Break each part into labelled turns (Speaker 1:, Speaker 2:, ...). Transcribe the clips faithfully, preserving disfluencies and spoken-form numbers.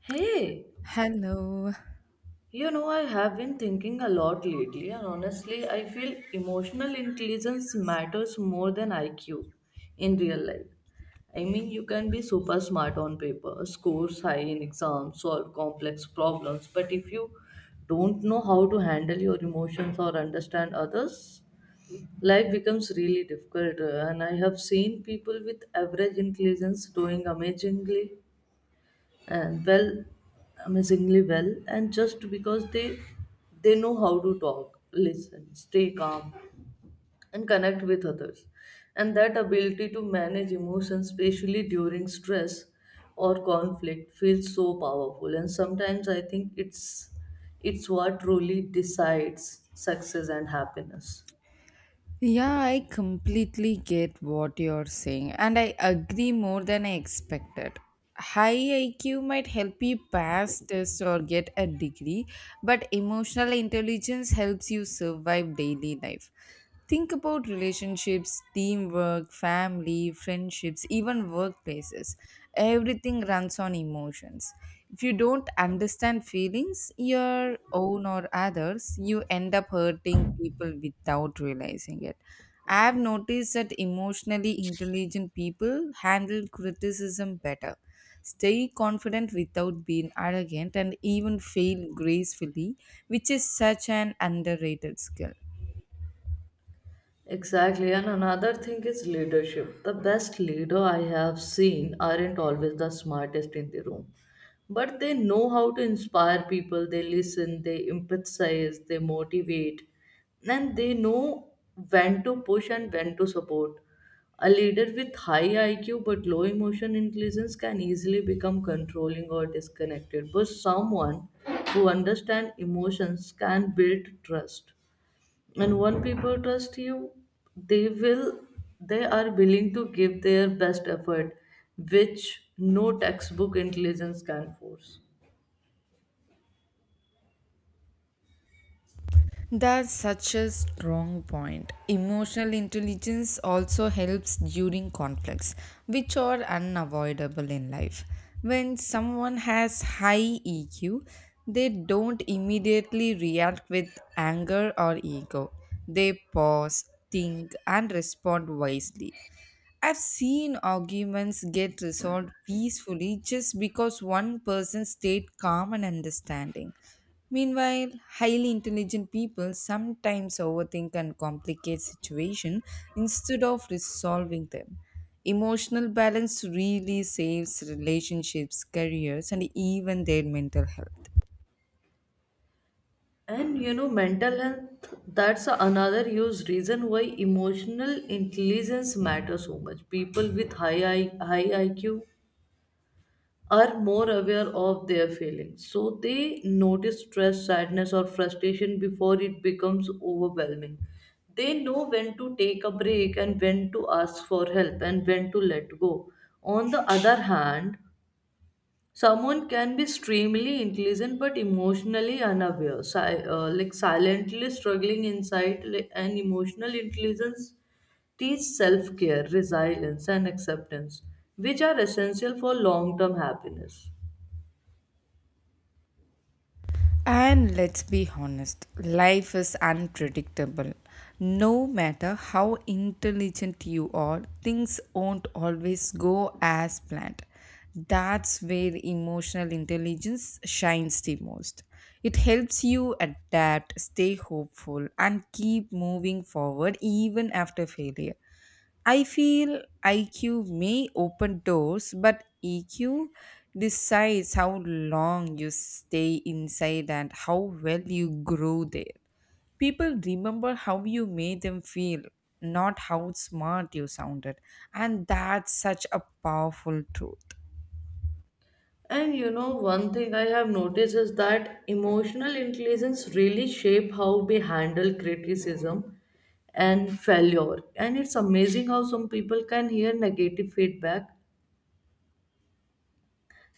Speaker 1: Hey,
Speaker 2: Hello.
Speaker 1: you know, I have been thinking a lot lately, and honestly, I feel emotional intelligence matters more than I Q in real life. I mean, you can be super smart on paper, score high in exams, solve complex problems, but if you don't know how to handle your emotions or understand others, life becomes really difficult. uh, And I have seen people with average intelligence doing amazingly and well amazingly well, and just because they they know how to talk, listen, stay calm, and connect with others, and that ability to manage emotions, especially during stress or conflict, feels so powerful. And sometimes I think it's it's what truly decides success and happiness.
Speaker 2: Yeah, I completely get what you're saying, and I agree more than I expected. High I Q might help you pass tests or get a degree, but emotional intelligence helps you survive daily life. Think about relationships, teamwork, family, friendships, even workplaces. Everything runs on emotions. If you don't understand feelings, your own or others, you end up hurting people without realizing it. I have noticed that emotionally intelligent people handle criticism better, stay confident without being arrogant, and even fail gracefully, which is such an underrated skill.
Speaker 1: Exactly, and another thing is leadership. The best leader I have seen aren't always the smartest in the room, but they know how to inspire people, they listen, they empathize, they motivate, and they know when to push and when to support. A leader with high I Q but low emotion intelligence can easily become controlling or disconnected, but someone who understands emotions can build trust, and when people trust you, they will they are willing to give their best effort, which no textbook intelligence can force.
Speaker 2: That's such a strong point. Emotional intelligence also helps during conflicts, which are unavoidable in life. When someone has high E Q, they don't immediately react with anger or ego. They pause, think, and respond wisely. I've seen arguments get resolved peacefully just because one person stayed calm and understanding. Meanwhile, highly intelligent people sometimes overthink and complicate situations instead of resolving them. Emotional balance really saves relationships, careers, and even their mental health.
Speaker 1: And you know, mental health, that's another huge reason why emotional intelligence matters so much. People with high I, high IQ are more aware of their feelings, so they notice stress, sadness, or frustration before it becomes overwhelming. They know when to take a break and when to ask for help and when to let go. On the other hand, someone can be extremely intelligent but emotionally unaware, si- uh, like silently struggling inside, like, and emotional intelligence teach self care, resilience, and acceptance, which are essential for long term happiness.
Speaker 2: And let's be honest, life is unpredictable. No matter how intelligent you are, things won't always go as planned. That's where emotional intelligence shines the most. It helps you adapt, stay hopeful, and keep moving forward even after failure. I feel I Q may open doors, but E Q decides how long you stay inside and how well you grow there. People remember how you made them feel, not how smart you sounded. And that's such a powerful truth.
Speaker 1: And you know, one thing I have noticed is that emotional intelligence really shape how we handle criticism and failure. And it's amazing how some people can hear negative feedback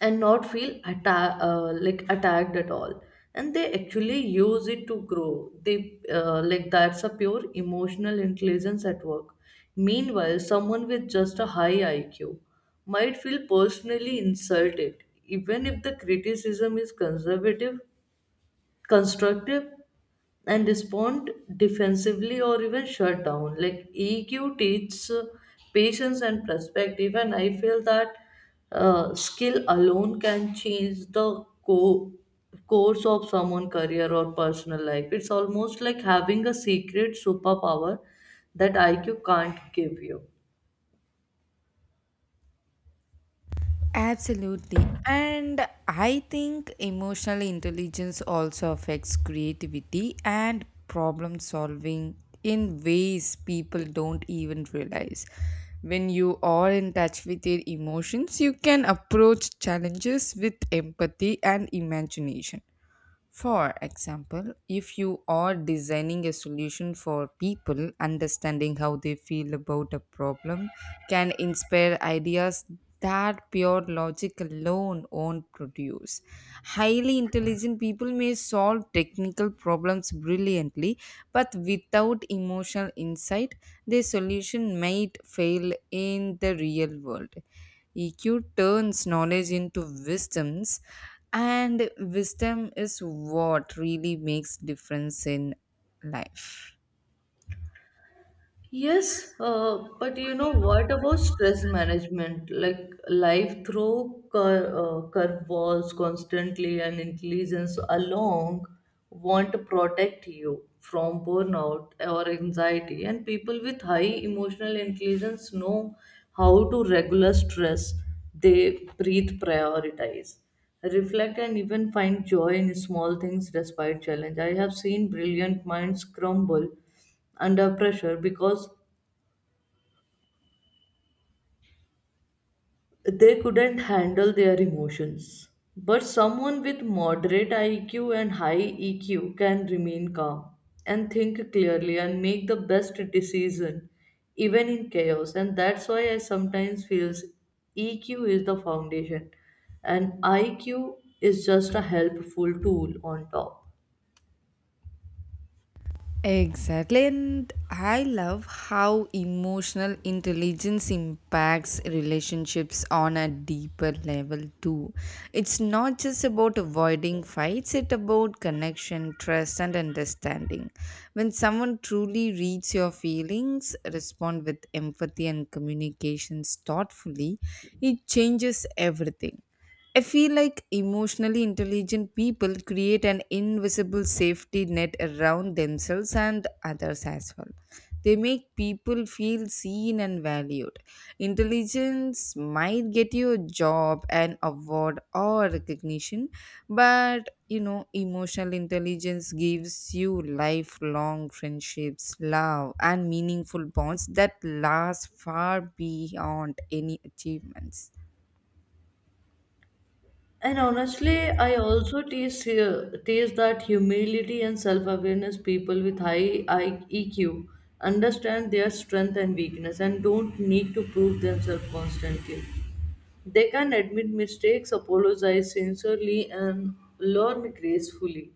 Speaker 1: and not feel atta- uh, like attacked at all, and they actually use it to grow. They uh, like that's a pure emotional intelligence at work. Meanwhile, someone with just a high IQ might feel personally insulted even if the criticism is conservative constructive, and respond defensively or even shut down. Like E Q teaches uh, patience and perspective, and I feel that uh, skill alone can change the co- course of someone's career or personal life. It's almost like having a secret superpower that I Q can't give you.
Speaker 2: Absolutely. And I think emotional intelligence also affects creativity and problem solving in ways people don't even realize. When you are in touch with your emotions, you can approach challenges with empathy and imagination. For example, if you are designing a solution for people, understanding how they feel about a problem can inspire ideas that pure logic alone won't produce. Highly intelligent people may solve technical problems brilliantly, but without emotional insight, their solution might fail in the real world. E Q turns knowledge into wisdoms, and wisdom is what really makes difference in life.
Speaker 1: Yes, uh, but you know, what about stress management? Like, life throw cur uh, curveballs constantly, and intelligence along want to protect you from burnout or anxiety. And people with high emotional intelligence know how to regulate stress. They breathe, prioritize, reflect, and even find joy in small things despite challenge. I have seen brilliant minds crumble under pressure because they couldn't handle their emotions. But someone with moderate I Q and high E Q can remain calm and think clearly and make the best decision even in chaos. And that's why I sometimes feel E Q is the foundation and I Q is just a helpful tool on top.
Speaker 2: Exactly, and I love how emotional intelligence impacts relationships on a deeper level too. It's not just about avoiding fights, it's about connection, trust, and understanding. When someone truly reads your feelings, respond with empathy and communications thoughtfully, it changes everything. I feel like emotionally intelligent people create an invisible safety net around themselves and others as well. They make people feel seen and valued. Intelligence might get you a job, an award, or recognition, but you know, emotional intelligence gives you lifelong friendships, love, and meaningful bonds that last far beyond any achievements.
Speaker 1: And honestly, I also taste here- tease that humility and self awareness. People with high I E Q understand their strength and weakness and don't need to prove themselves constantly. They can admit mistakes, apologize sincerely, and learn gracefully,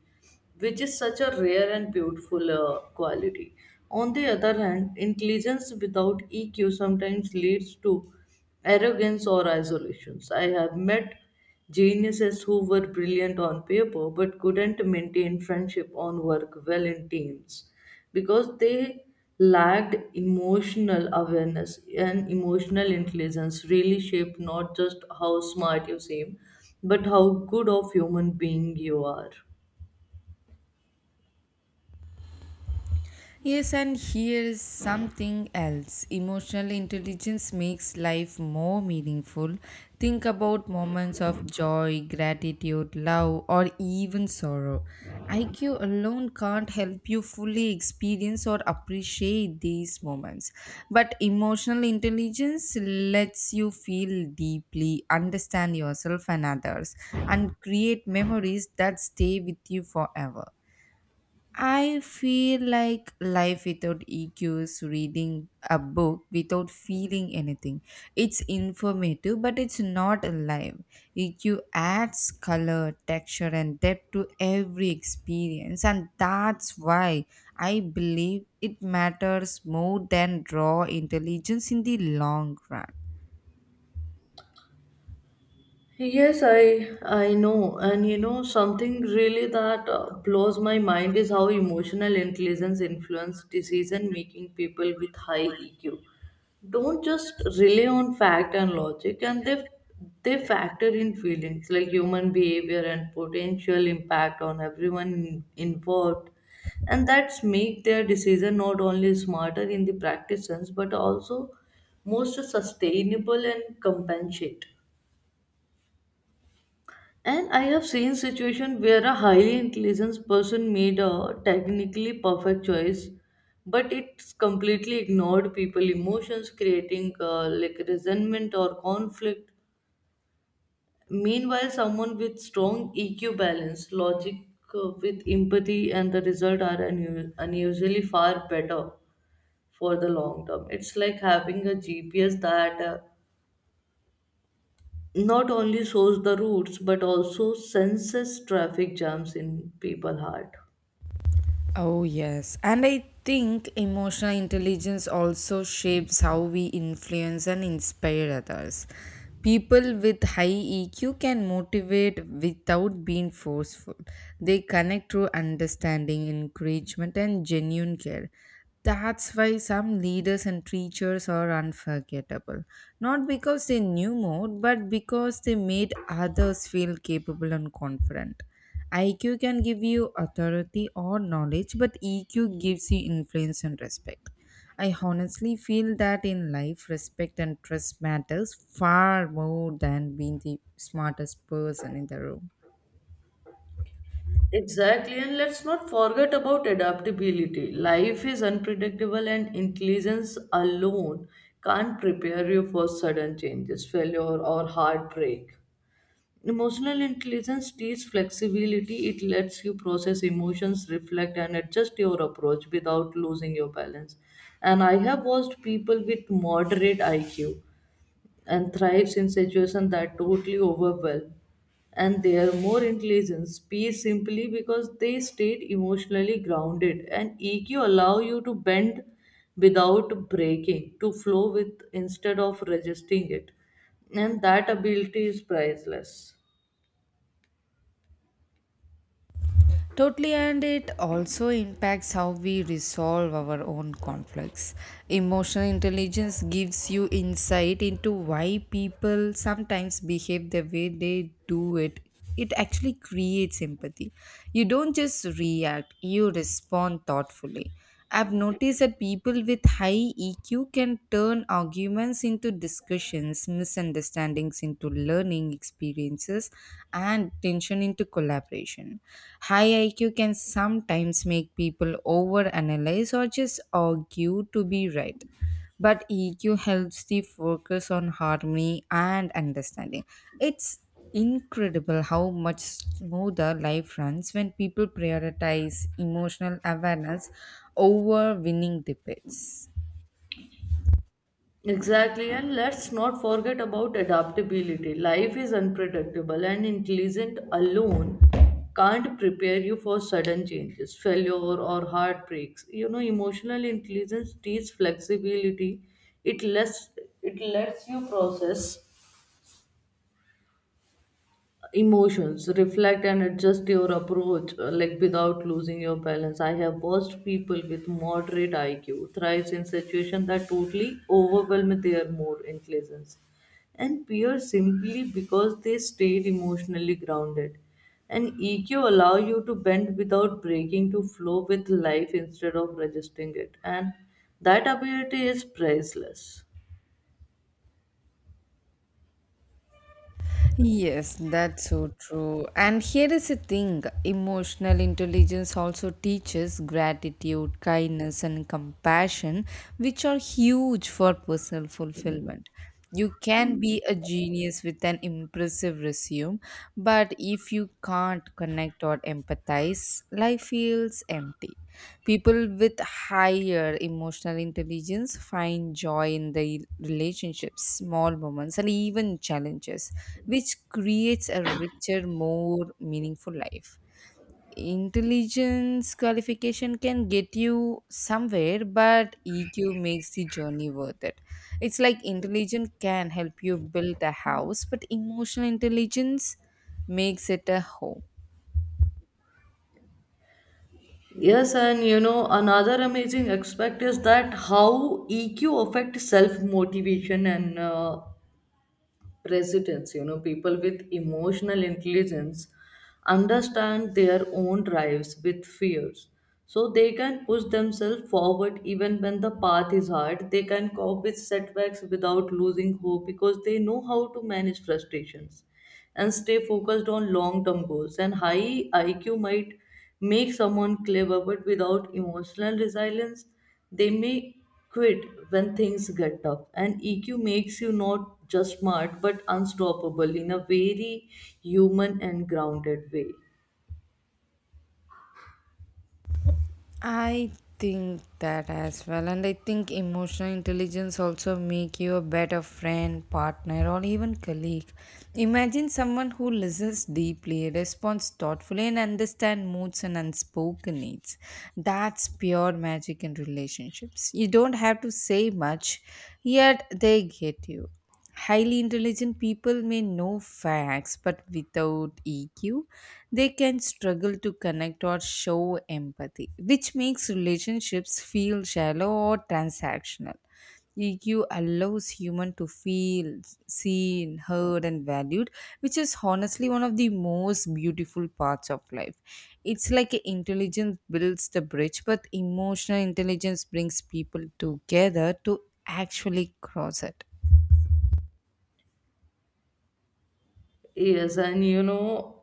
Speaker 1: which is such a rare and beautiful uh, quality. On the other hand, intelligence without E Q sometimes leads to arrogance or isolations. I have met geniuses who were brilliant on paper but couldn't maintain friendship or work well in teams because they lacked emotional awareness. And emotional intelligence really shape not just how smart you seem, but how good of human being you are.
Speaker 2: Yes, and here is something else. Emotional intelligence makes life more meaningful. Think about moments of joy, gratitude, love, or even sorrow. I Q alone can't help you fully experience or appreciate these moments. But emotional intelligence lets you feel deeply, understand yourself and others, and create memories that stay with you forever. I feel like life without E Q is reading a book without feeling anything. It's informative, but it's not alive. E Q adds color, texture, and depth to every experience, and that's why I believe it matters more than raw intelligence in the long run.
Speaker 1: Yes, I I know. And you know, something really that uh, blows my mind is how emotional intelligence influence decision making. People with high E Q don't just rely on fact and logic, and they they factor in feelings, like human behavior and potential impact on everyone in- involved, and that's make their decision not only smarter in the practice sense but also most sustainable and compensate. And I have seen situation where a highly intelligent person made a technically perfect choice, but it's completely ignored people emotions, creating uh, like resentment or conflict. Meanwhile, someone with strong E Q balance, logic uh, with empathy, and the result are unu- unusually far better for the long term. It's like having a G P S that uh, not only shows the routes but also senses traffic jams in people heart.
Speaker 2: Oh, yes. And I think emotional intelligence also shapes how we influence and inspire others. People with high E Q can motivate without being forceful. They connect through understanding, encouragement, and genuine care. That's why some leaders and teachers are unforgettable. Not because they knew more, but because they made others feel capable and confident. I Q can give you authority or knowledge, but E Q gives you influence and respect. I honestly feel that in life, respect and trust matters far more than being the smartest person in the room.
Speaker 1: Exactly, and let's not forget about adaptability. Life is unpredictable, and intelligence alone can't prepare you for sudden changes, failure, or heartbreak. Emotional intelligence teaches flexibility. It lets you process emotions, reflect, and adjust your approach without losing your balance. And I have watched people with moderate IQ and thrives in situations that totally overwhelm, and they are more intelligent peace simply because they stayed emotionally grounded. And EQ allow you to bend without breaking, to flow with instead of resisting it, and that ability is priceless.
Speaker 2: Totally, and it also impacts how we resolve our own conflicts. Emotional intelligence gives you insight into why people sometimes behave the way they do it. It actually creates empathy. You don't just react, you respond thoughtfully. I've noticed that people with high E Q can turn arguments into discussions, misunderstandings into learning experiences, and tension into collaboration. High I Q can sometimes make people overanalyze or just argue to be right, but E Q helps the focus on harmony and understanding. It's incredible how much smoother life runs when people prioritize emotional awareness over winning debates.
Speaker 1: Exactly, and let's not forget about adaptability. Life is unpredictable, and intelligent alone can't prepare you for sudden changes, failure, or heartbreaks. You know, emotional intelligence teaches flexibility. It lets it lets you process emotions, reflect, and adjust your approach uh, like without losing your balance. I have watched people with moderate IQ thrives in situations that totally overwhelm their more intelligence and peers, simply because they stayed emotionally grounded. And EQ allow you to bend without breaking, to flow with life instead of resisting it, and that ability is priceless.
Speaker 2: Yes, that's so true. And here is the thing, emotional intelligence also teaches gratitude, kindness, and compassion, which are huge for personal fulfillment. You can be a genius with an impressive resume, but if you can't connect or empathize, life feels empty. People with higher emotional intelligence find joy in their relationships, small moments, and even challenges, which creates a richer, more meaningful life. Intelligence qualification can get you somewhere, but E Q makes the journey worth it. It's like intelligence can help you build a house, but emotional intelligence makes it a home.
Speaker 1: Yes, and you know, another amazing aspect is that how E Q affects self motivation and uh, precedence. You know, people with emotional intelligence understand their own drives with fears, so they can push themselves forward even when the path is hard. They can cope with setbacks without losing hope because they know how to manage frustrations and stay focused on long term goals. And high I Q might make someone clever, but without emotional resilience, they may quit when things get tough. And E Q makes you not just smart but unstoppable in a very human and grounded way.
Speaker 2: I think that as well, and I think emotional intelligence also make you a better friend, partner or even colleague. Imagine someone who listens deeply, responds thoughtfully and understands moods and unspoken needs. That's pure magic in relationships. You don't have to say much, yet they get you. Highly intelligent people may know facts, but without E Q, they can struggle to connect or show empathy, which makes relationships feel shallow or transactional. E Q allows human to feel seen, heard and valued, which is honestly one of the most beautiful parts of life. It's like intelligence builds the bridge, but emotional intelligence brings people together to actually cross it.
Speaker 1: Yes, and you know,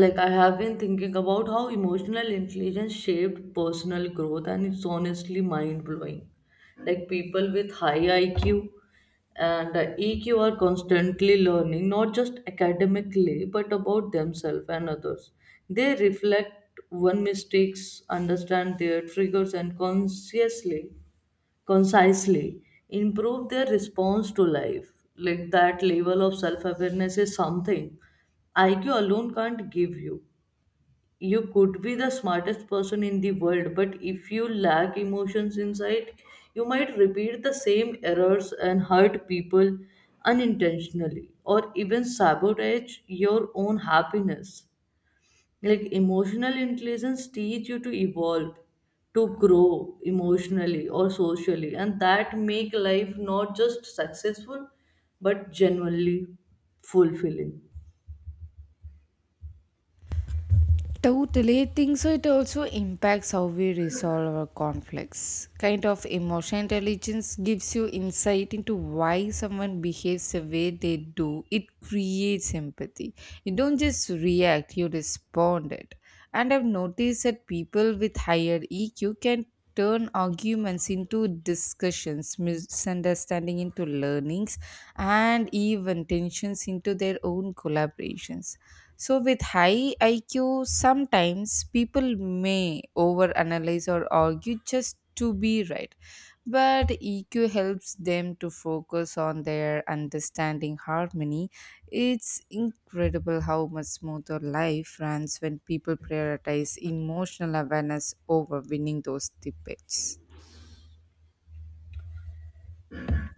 Speaker 1: like, I have been thinking about how emotional intelligence shaped personal growth, and it's honestly mind blowing. Like, people with high I Q and uh, E Q are constantly learning, not just academically, but about themselves and others. They reflect one mistakes, understand their triggers, and consciously concisely improve their response to life. Like, that level of self-awareness is something IQ alone can't give you. You could be the smartest person in the world, but if you lack emotions inside, you might repeat the same errors and hurt people unintentionally, or even sabotage your own happiness. Like, emotional intelligence teach you to evolve, to grow emotionally or socially, and that make life not just successful but genuinely fulfilling.
Speaker 2: Totally think so. It also impacts how we resolve our conflicts. Kind of emotional intelligence gives you insight into why someone behaves the way they do. It creates empathy. You don't just react, you respond it. And I've noticed that people with higher E Q can turn arguments into discussions, misunderstanding into learnings, and even tensions into their own collaborations. So, with high I Q, sometimes people may overanalyze or argue just to be right. But E Q helps them to focus on their understanding harmony. It's incredible how much smoother life runs when people prioritize emotional awareness over winning those debates.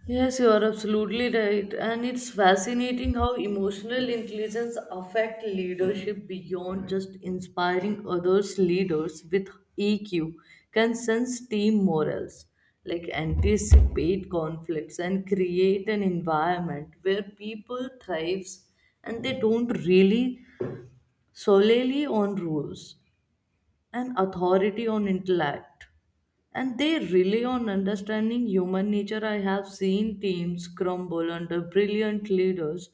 Speaker 1: Yes, you are absolutely right. And it's fascinating how emotional intelligence affect leadership beyond just inspiring others. Leaders with E Q can sense team morals, like anticipate conflicts and create an environment where people thrives, and they don't really solely on rules and authority on intellect, and they rely on understanding human nature. I have seen teams crumble under brilliant leaders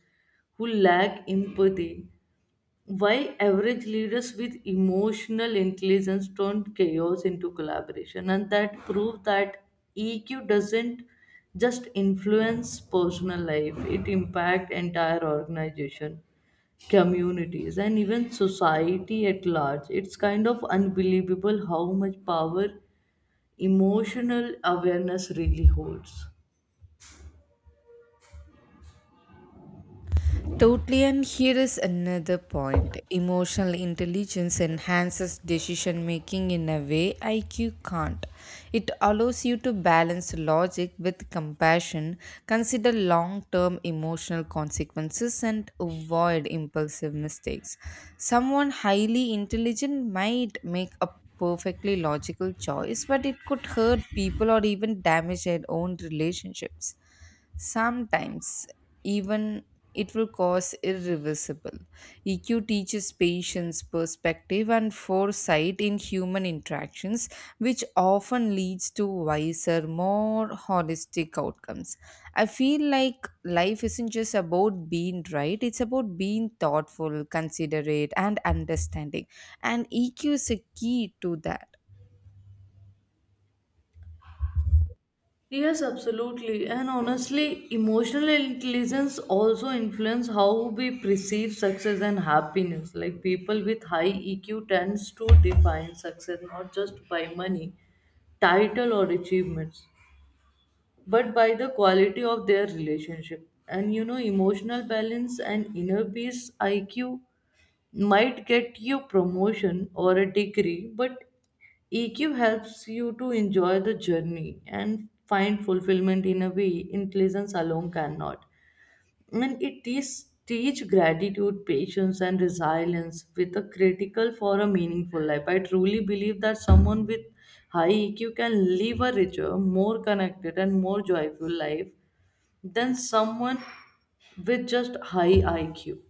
Speaker 1: who lack empathy, why average leaders with emotional intelligence turn chaos into collaboration. And that prove that EQ doesn't just influence personal life, it impacts entire organization, communities, and even society at large. It's kind of unbelievable how much power emotional awareness really holds.
Speaker 2: Totally, and here is another point. Emotional intelligence enhances decision making in a way I Q can't. It allows you to balance logic with compassion, consider long term emotional consequences, and avoid impulsive mistakes. Someone highly intelligent might make a perfectly logical choice, but it could hurt people or even damage their own relationships, sometimes even it will cause irreversible. E Q teaches patience, perspective, and foresight in human interactions, which often leads to wiser, more holistic outcomes. I feel like life isn't just about being right, it's about being thoughtful, considerate, and understanding. And E Q is a key to that.
Speaker 1: Yes, absolutely. And honestly, emotional intelligence also influence how we perceive success and happiness. Like, people with high E Q tends to define success not just by money, title, or achievements, but by the quality of their relationship, and you know, emotional balance and inner peace. I Q might get you promotion or a degree, but E Q helps you to enjoy the journey and find fulfillment in a way intelligence alone cannot. And it teaches teach gratitude, patience, and resilience with a critical for a meaningful life. I truly believe that someone with high E Q can live a richer, more connected, and more joyful life than someone with just high I Q.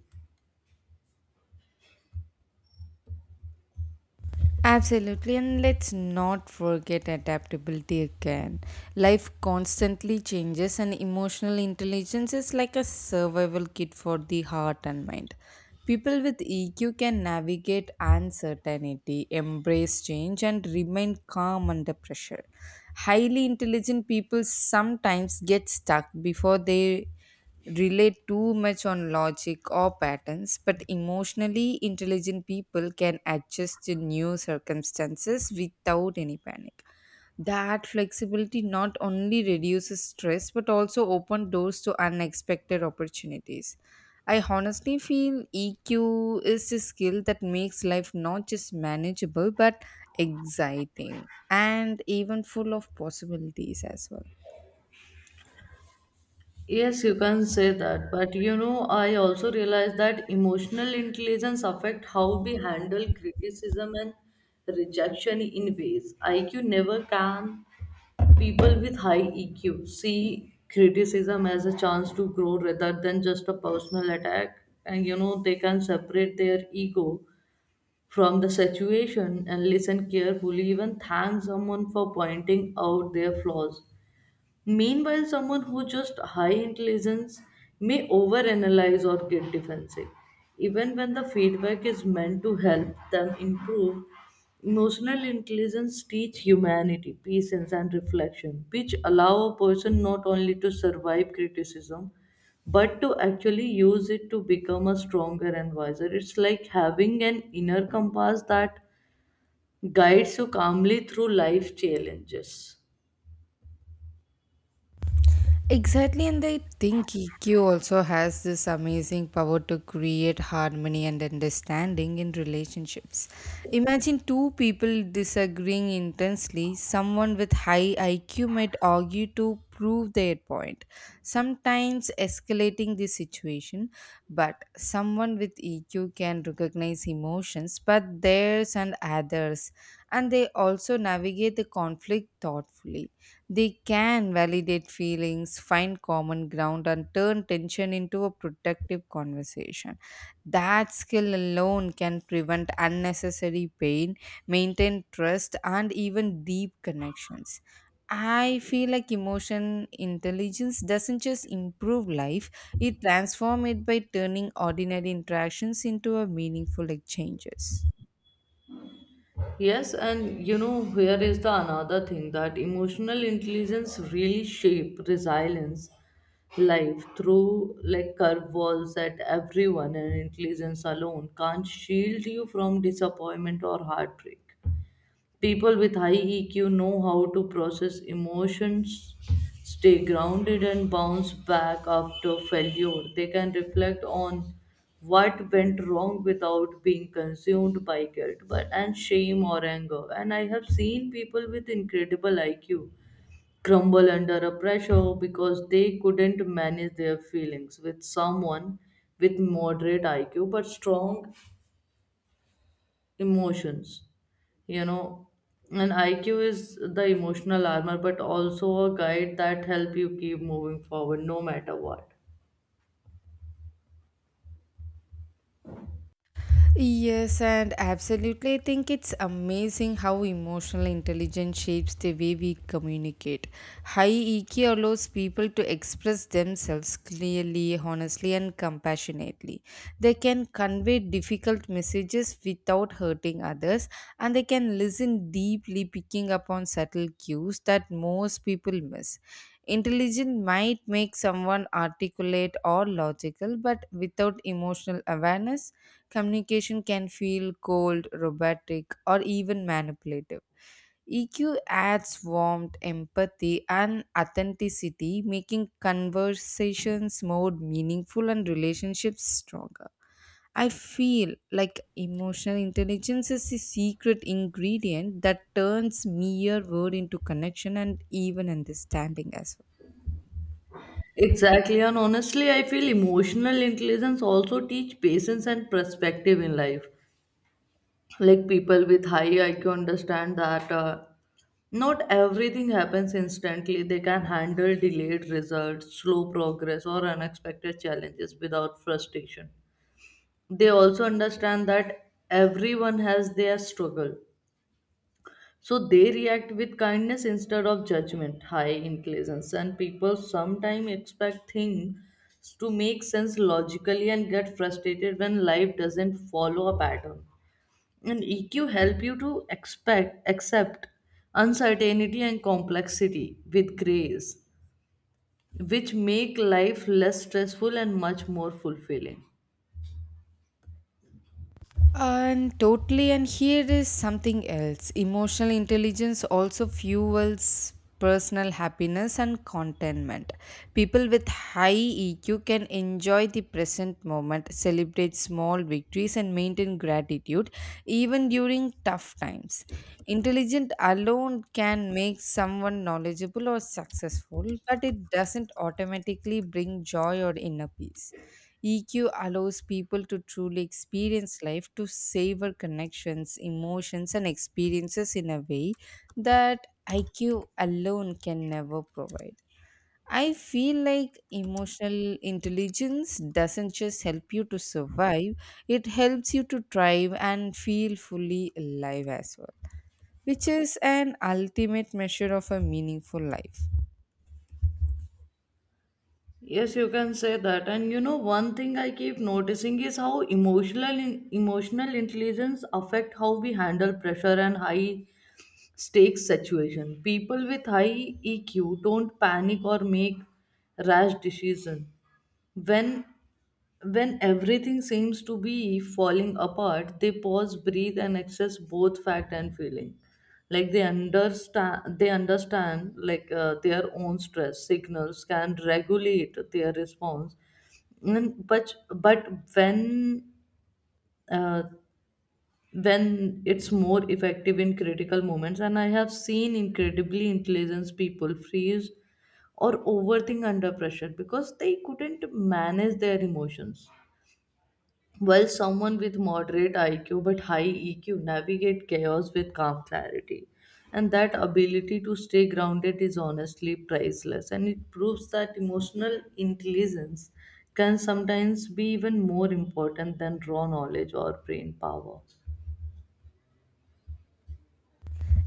Speaker 2: Absolutely, and let's not forget adaptability again. Life constantly changes, and emotional intelligence is like a survival kit for the heart and mind. People with E Q can navigate uncertainty, embrace change, and remain calm under pressure. Highly intelligent people sometimes get stuck before they rely too much on logic or patterns, but emotionally intelligent people can adjust to new circumstances without any panic. That flexibility not only reduces stress but also opens doors to unexpected opportunities. I honestly feel E Q is a skill that makes life not just manageable but exciting and even full of possibilities as well.
Speaker 1: Yes, you can say that, but you know, I also realize that emotional intelligence affect how we handle criticism and rejection in ways I Q never can. People with high E Q see criticism as a chance to grow rather than just a personal attack, and you know, they can separate their ego from the situation and listen carefully, even thank someone for pointing out their flaws. Meanwhile, someone who just high intelligence may overanalyze or get defensive, even when the feedback is meant to help them improve. Emotional intelligence teach humanity, patience, and reflection, which allow a person not only to survive criticism but to actually use it to become a stronger and wiser. It's like having an inner compass that guides you calmly through life challenges.
Speaker 2: Exactly, and I think E Q also has this amazing power to create harmony and understanding in relationships. Imagine two people disagreeing intensely. Someone with high I Q might argue to prove their point, sometimes escalating the situation, but someone with E Q can recognize emotions, but theirs and others, and they also navigate the conflict thoughtfully. They can validate feelings, find common ground, and turn tension into a productive conversation. That skill alone can prevent unnecessary pain, maintain trust, and even deep connections. I feel like emotion intelligence doesn't just improve life, it transforms it by turning ordinary interactions into a meaningful exchanges.
Speaker 1: Yes, and you know, here is the another thing that emotional intelligence really shape resilience life through, like, curveballs that everyone and intelligence alone can't shield you from disappointment or heartbreak. People with high E Q know how to process emotions, stay grounded, and bounce back after failure. They can reflect on what went wrong without being consumed by guilt but, and shame or anger. And I have seen people with incredible I Q crumble under a pressure because they couldn't manage their feelings with someone with moderate I Q but strong emotions you know and I Q is the emotional armor but also a guide that help you keep moving forward no matter what.
Speaker 2: Yes, and absolutely. I think it's amazing how emotional intelligence shapes the way we communicate. High E Q allows people to express themselves clearly, honestly, and compassionately. They can convey difficult messages without hurting others, and they can listen deeply, picking up on subtle cues that most people miss. Intelligence might make someone articulate or logical, but without emotional awareness, communication can feel cold, robotic, or even manipulative. E Q adds warmth, empathy, and authenticity, making conversations more meaningful and relationships stronger. I feel like emotional intelligence is the secret ingredient that turns mere word into connection and even understanding as well.
Speaker 1: Exactly, and honestly, I feel emotional intelligence also teach patience and perspective in life, like people with high I Q understand that uh, not everything happens instantly. They can handle delayed results, slow progress, or unexpected challenges without frustration. They also understand that everyone has their struggle. So they react with kindness instead of judgment, high inclinations, and people sometimes expect things to make sense logically and get frustrated when life doesn't follow a pattern. And E Q help you to expect, accept uncertainty and complexity with grace, which make life less stressful and much more fulfilling.
Speaker 2: And totally, and here is something else. Emotional intelligence also fuels personal happiness and contentment. People with high E Q can enjoy the present moment, celebrate small victories, and maintain gratitude even during tough times. Intelligent alone can make someone knowledgeable or successful, but it doesn't automatically bring joy or inner peace. E Q allows people to truly experience life, to savor connections, emotions, and experiences in a way that I Q alone can never provide. I feel like emotional intelligence doesn't just help you to survive, it helps you to thrive and feel fully alive as well, which is an ultimate measure of a meaningful life.
Speaker 1: Yes, you can say that. And you know, one thing I keep noticing is how emotional in, emotional intelligence affect how we handle pressure and high stakes situation. People with high E Q don't panic or make rash decisions when when everything seems to be falling apart. They pause, breathe, and access both fact and feeling. Like, they understand they understand like uh, their own stress signals can regulate their response and, but but when uh, when it's more effective in critical moments. And I have seen incredibly intelligent people freeze or overthink under pressure because they couldn't manage their emotions, while someone with moderate IQ but high E Q navigate chaos with calm clarity. And that ability to stay grounded is honestly priceless, and it proves that emotional intelligence can sometimes be even more important than raw knowledge or brain power.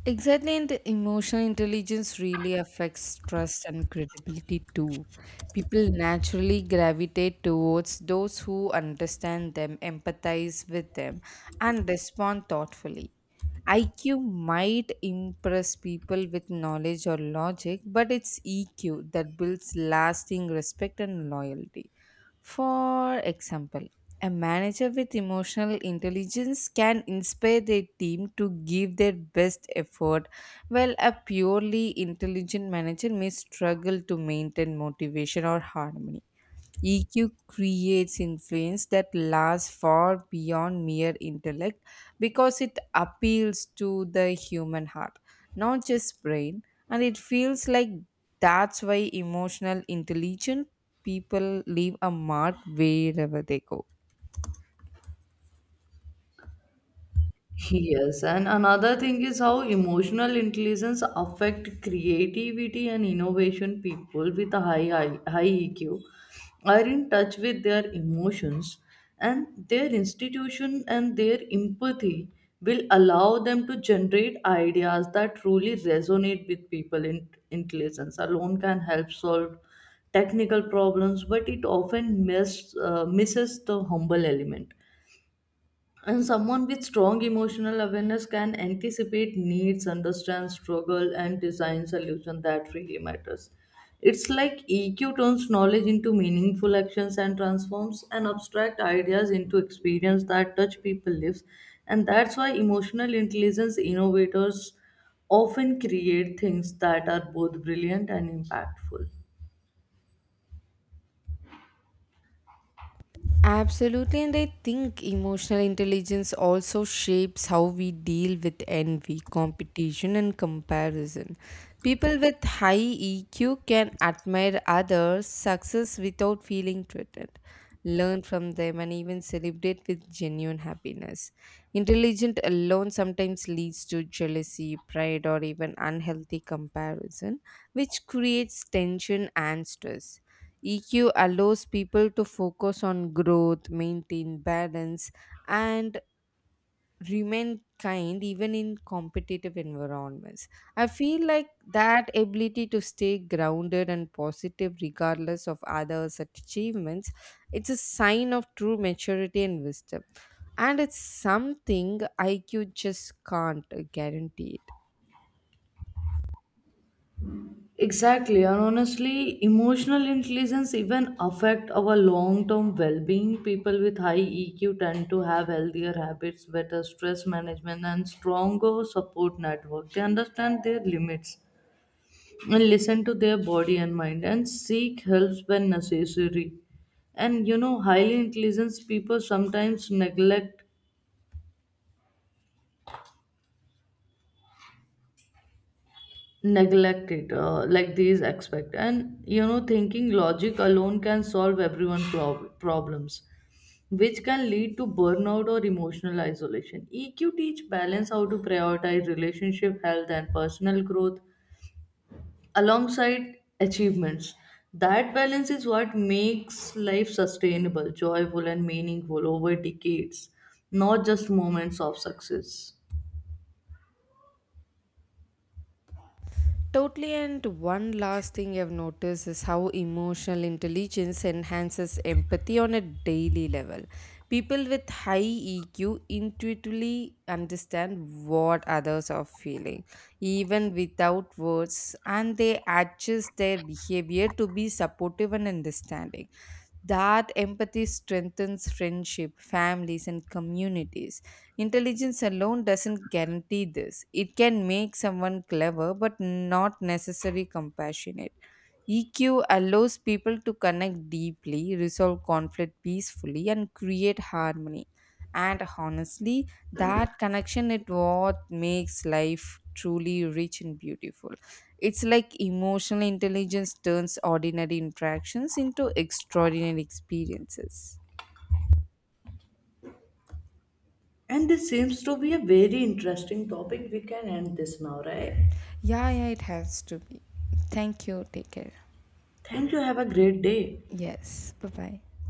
Speaker 2: Exactly, and emotional intelligence really affects trust and credibility too. People naturally gravitate towards those who understand them, empathize with them, and respond thoughtfully. I Q might impress people with knowledge or logic, but it's E Q that builds lasting respect and loyalty. For example, a manager with emotional intelligence can inspire their team to give their best effort, while a purely intelligent manager may struggle to maintain motivation or harmony. E Q creates influence that lasts far beyond mere intellect because it appeals to the human heart, not just brain, and it feels like that's why emotional intelligent people leave a mark wherever they go.
Speaker 1: Yes, and another thing is how emotional intelligence affect creativity and innovation. People with a high, high high E Q are in touch with their emotions, and their institution and their empathy will allow them to generate ideas that truly resonate with people. In intelligence alone can help solve technical problems, but it often miss, uh, misses the humble element, and someone with strong emotional awareness can anticipate needs, understand struggle, and design solution that really matters. It's like E Q turns knowledge into meaningful actions and transforms and abstract ideas into experience that touch people lives. And that's why emotional intelligence innovators often create things that are both brilliant and impactful.
Speaker 2: Absolutely, and I think emotional intelligence also shapes how we deal with envy, competition, and comparison. People with high E Q can admire others' success without feeling threatened, learn from them, and even celebrate with genuine happiness. Intelligent alone sometimes leads to jealousy, pride, or even unhealthy comparison, which creates tension and stress. E Q allows people to focus on growth, maintain balance, and remain kind even in competitive environments. I feel like that ability to stay grounded and positive regardless of others' achievements, it's a sign of true maturity and wisdom. And it's something I Q just can't guarantee it.
Speaker 1: Exactly, and honestly, emotional intelligence even affect our long-term well-being. People with high E Q tend to have healthier habits, better stress management, and stronger support network. They understand their limits and listen to their body and mind and seek help when necessary. And you know, highly intelligent people sometimes neglect neglect it uh, like these expect and, you know, thinking logic alone can solve everyone prob- problems, which can lead to burnout or emotional isolation. E Q teach balance how to prioritize relationship, health, and personal growth alongside achievements. That balance is what makes life sustainable, joyful, and meaningful over decades, not just moments of success.
Speaker 2: Totally, and one last thing I've noticed is how emotional intelligence enhances empathy on a daily level. People with high E Q intuitively understand what others are feeling, even without words, and they adjust their behavior to be supportive and understanding. That empathy strengthens friendship, families, and communities. Intelligence alone doesn't guarantee this. It can make someone clever but not necessarily compassionate. E Q allows people to connect deeply, resolve conflict peacefully, and create harmony. And honestly, that connection is what makes life truly rich and beautiful. It's like emotional intelligence turns ordinary interactions into extraordinary experiences.
Speaker 1: And this seems to be a very interesting topic. We can end this now, right?
Speaker 2: Yeah, yeah, it has to be. Thank you. Take care.
Speaker 1: Thank you. Have a great day.
Speaker 2: Yes, bye bye.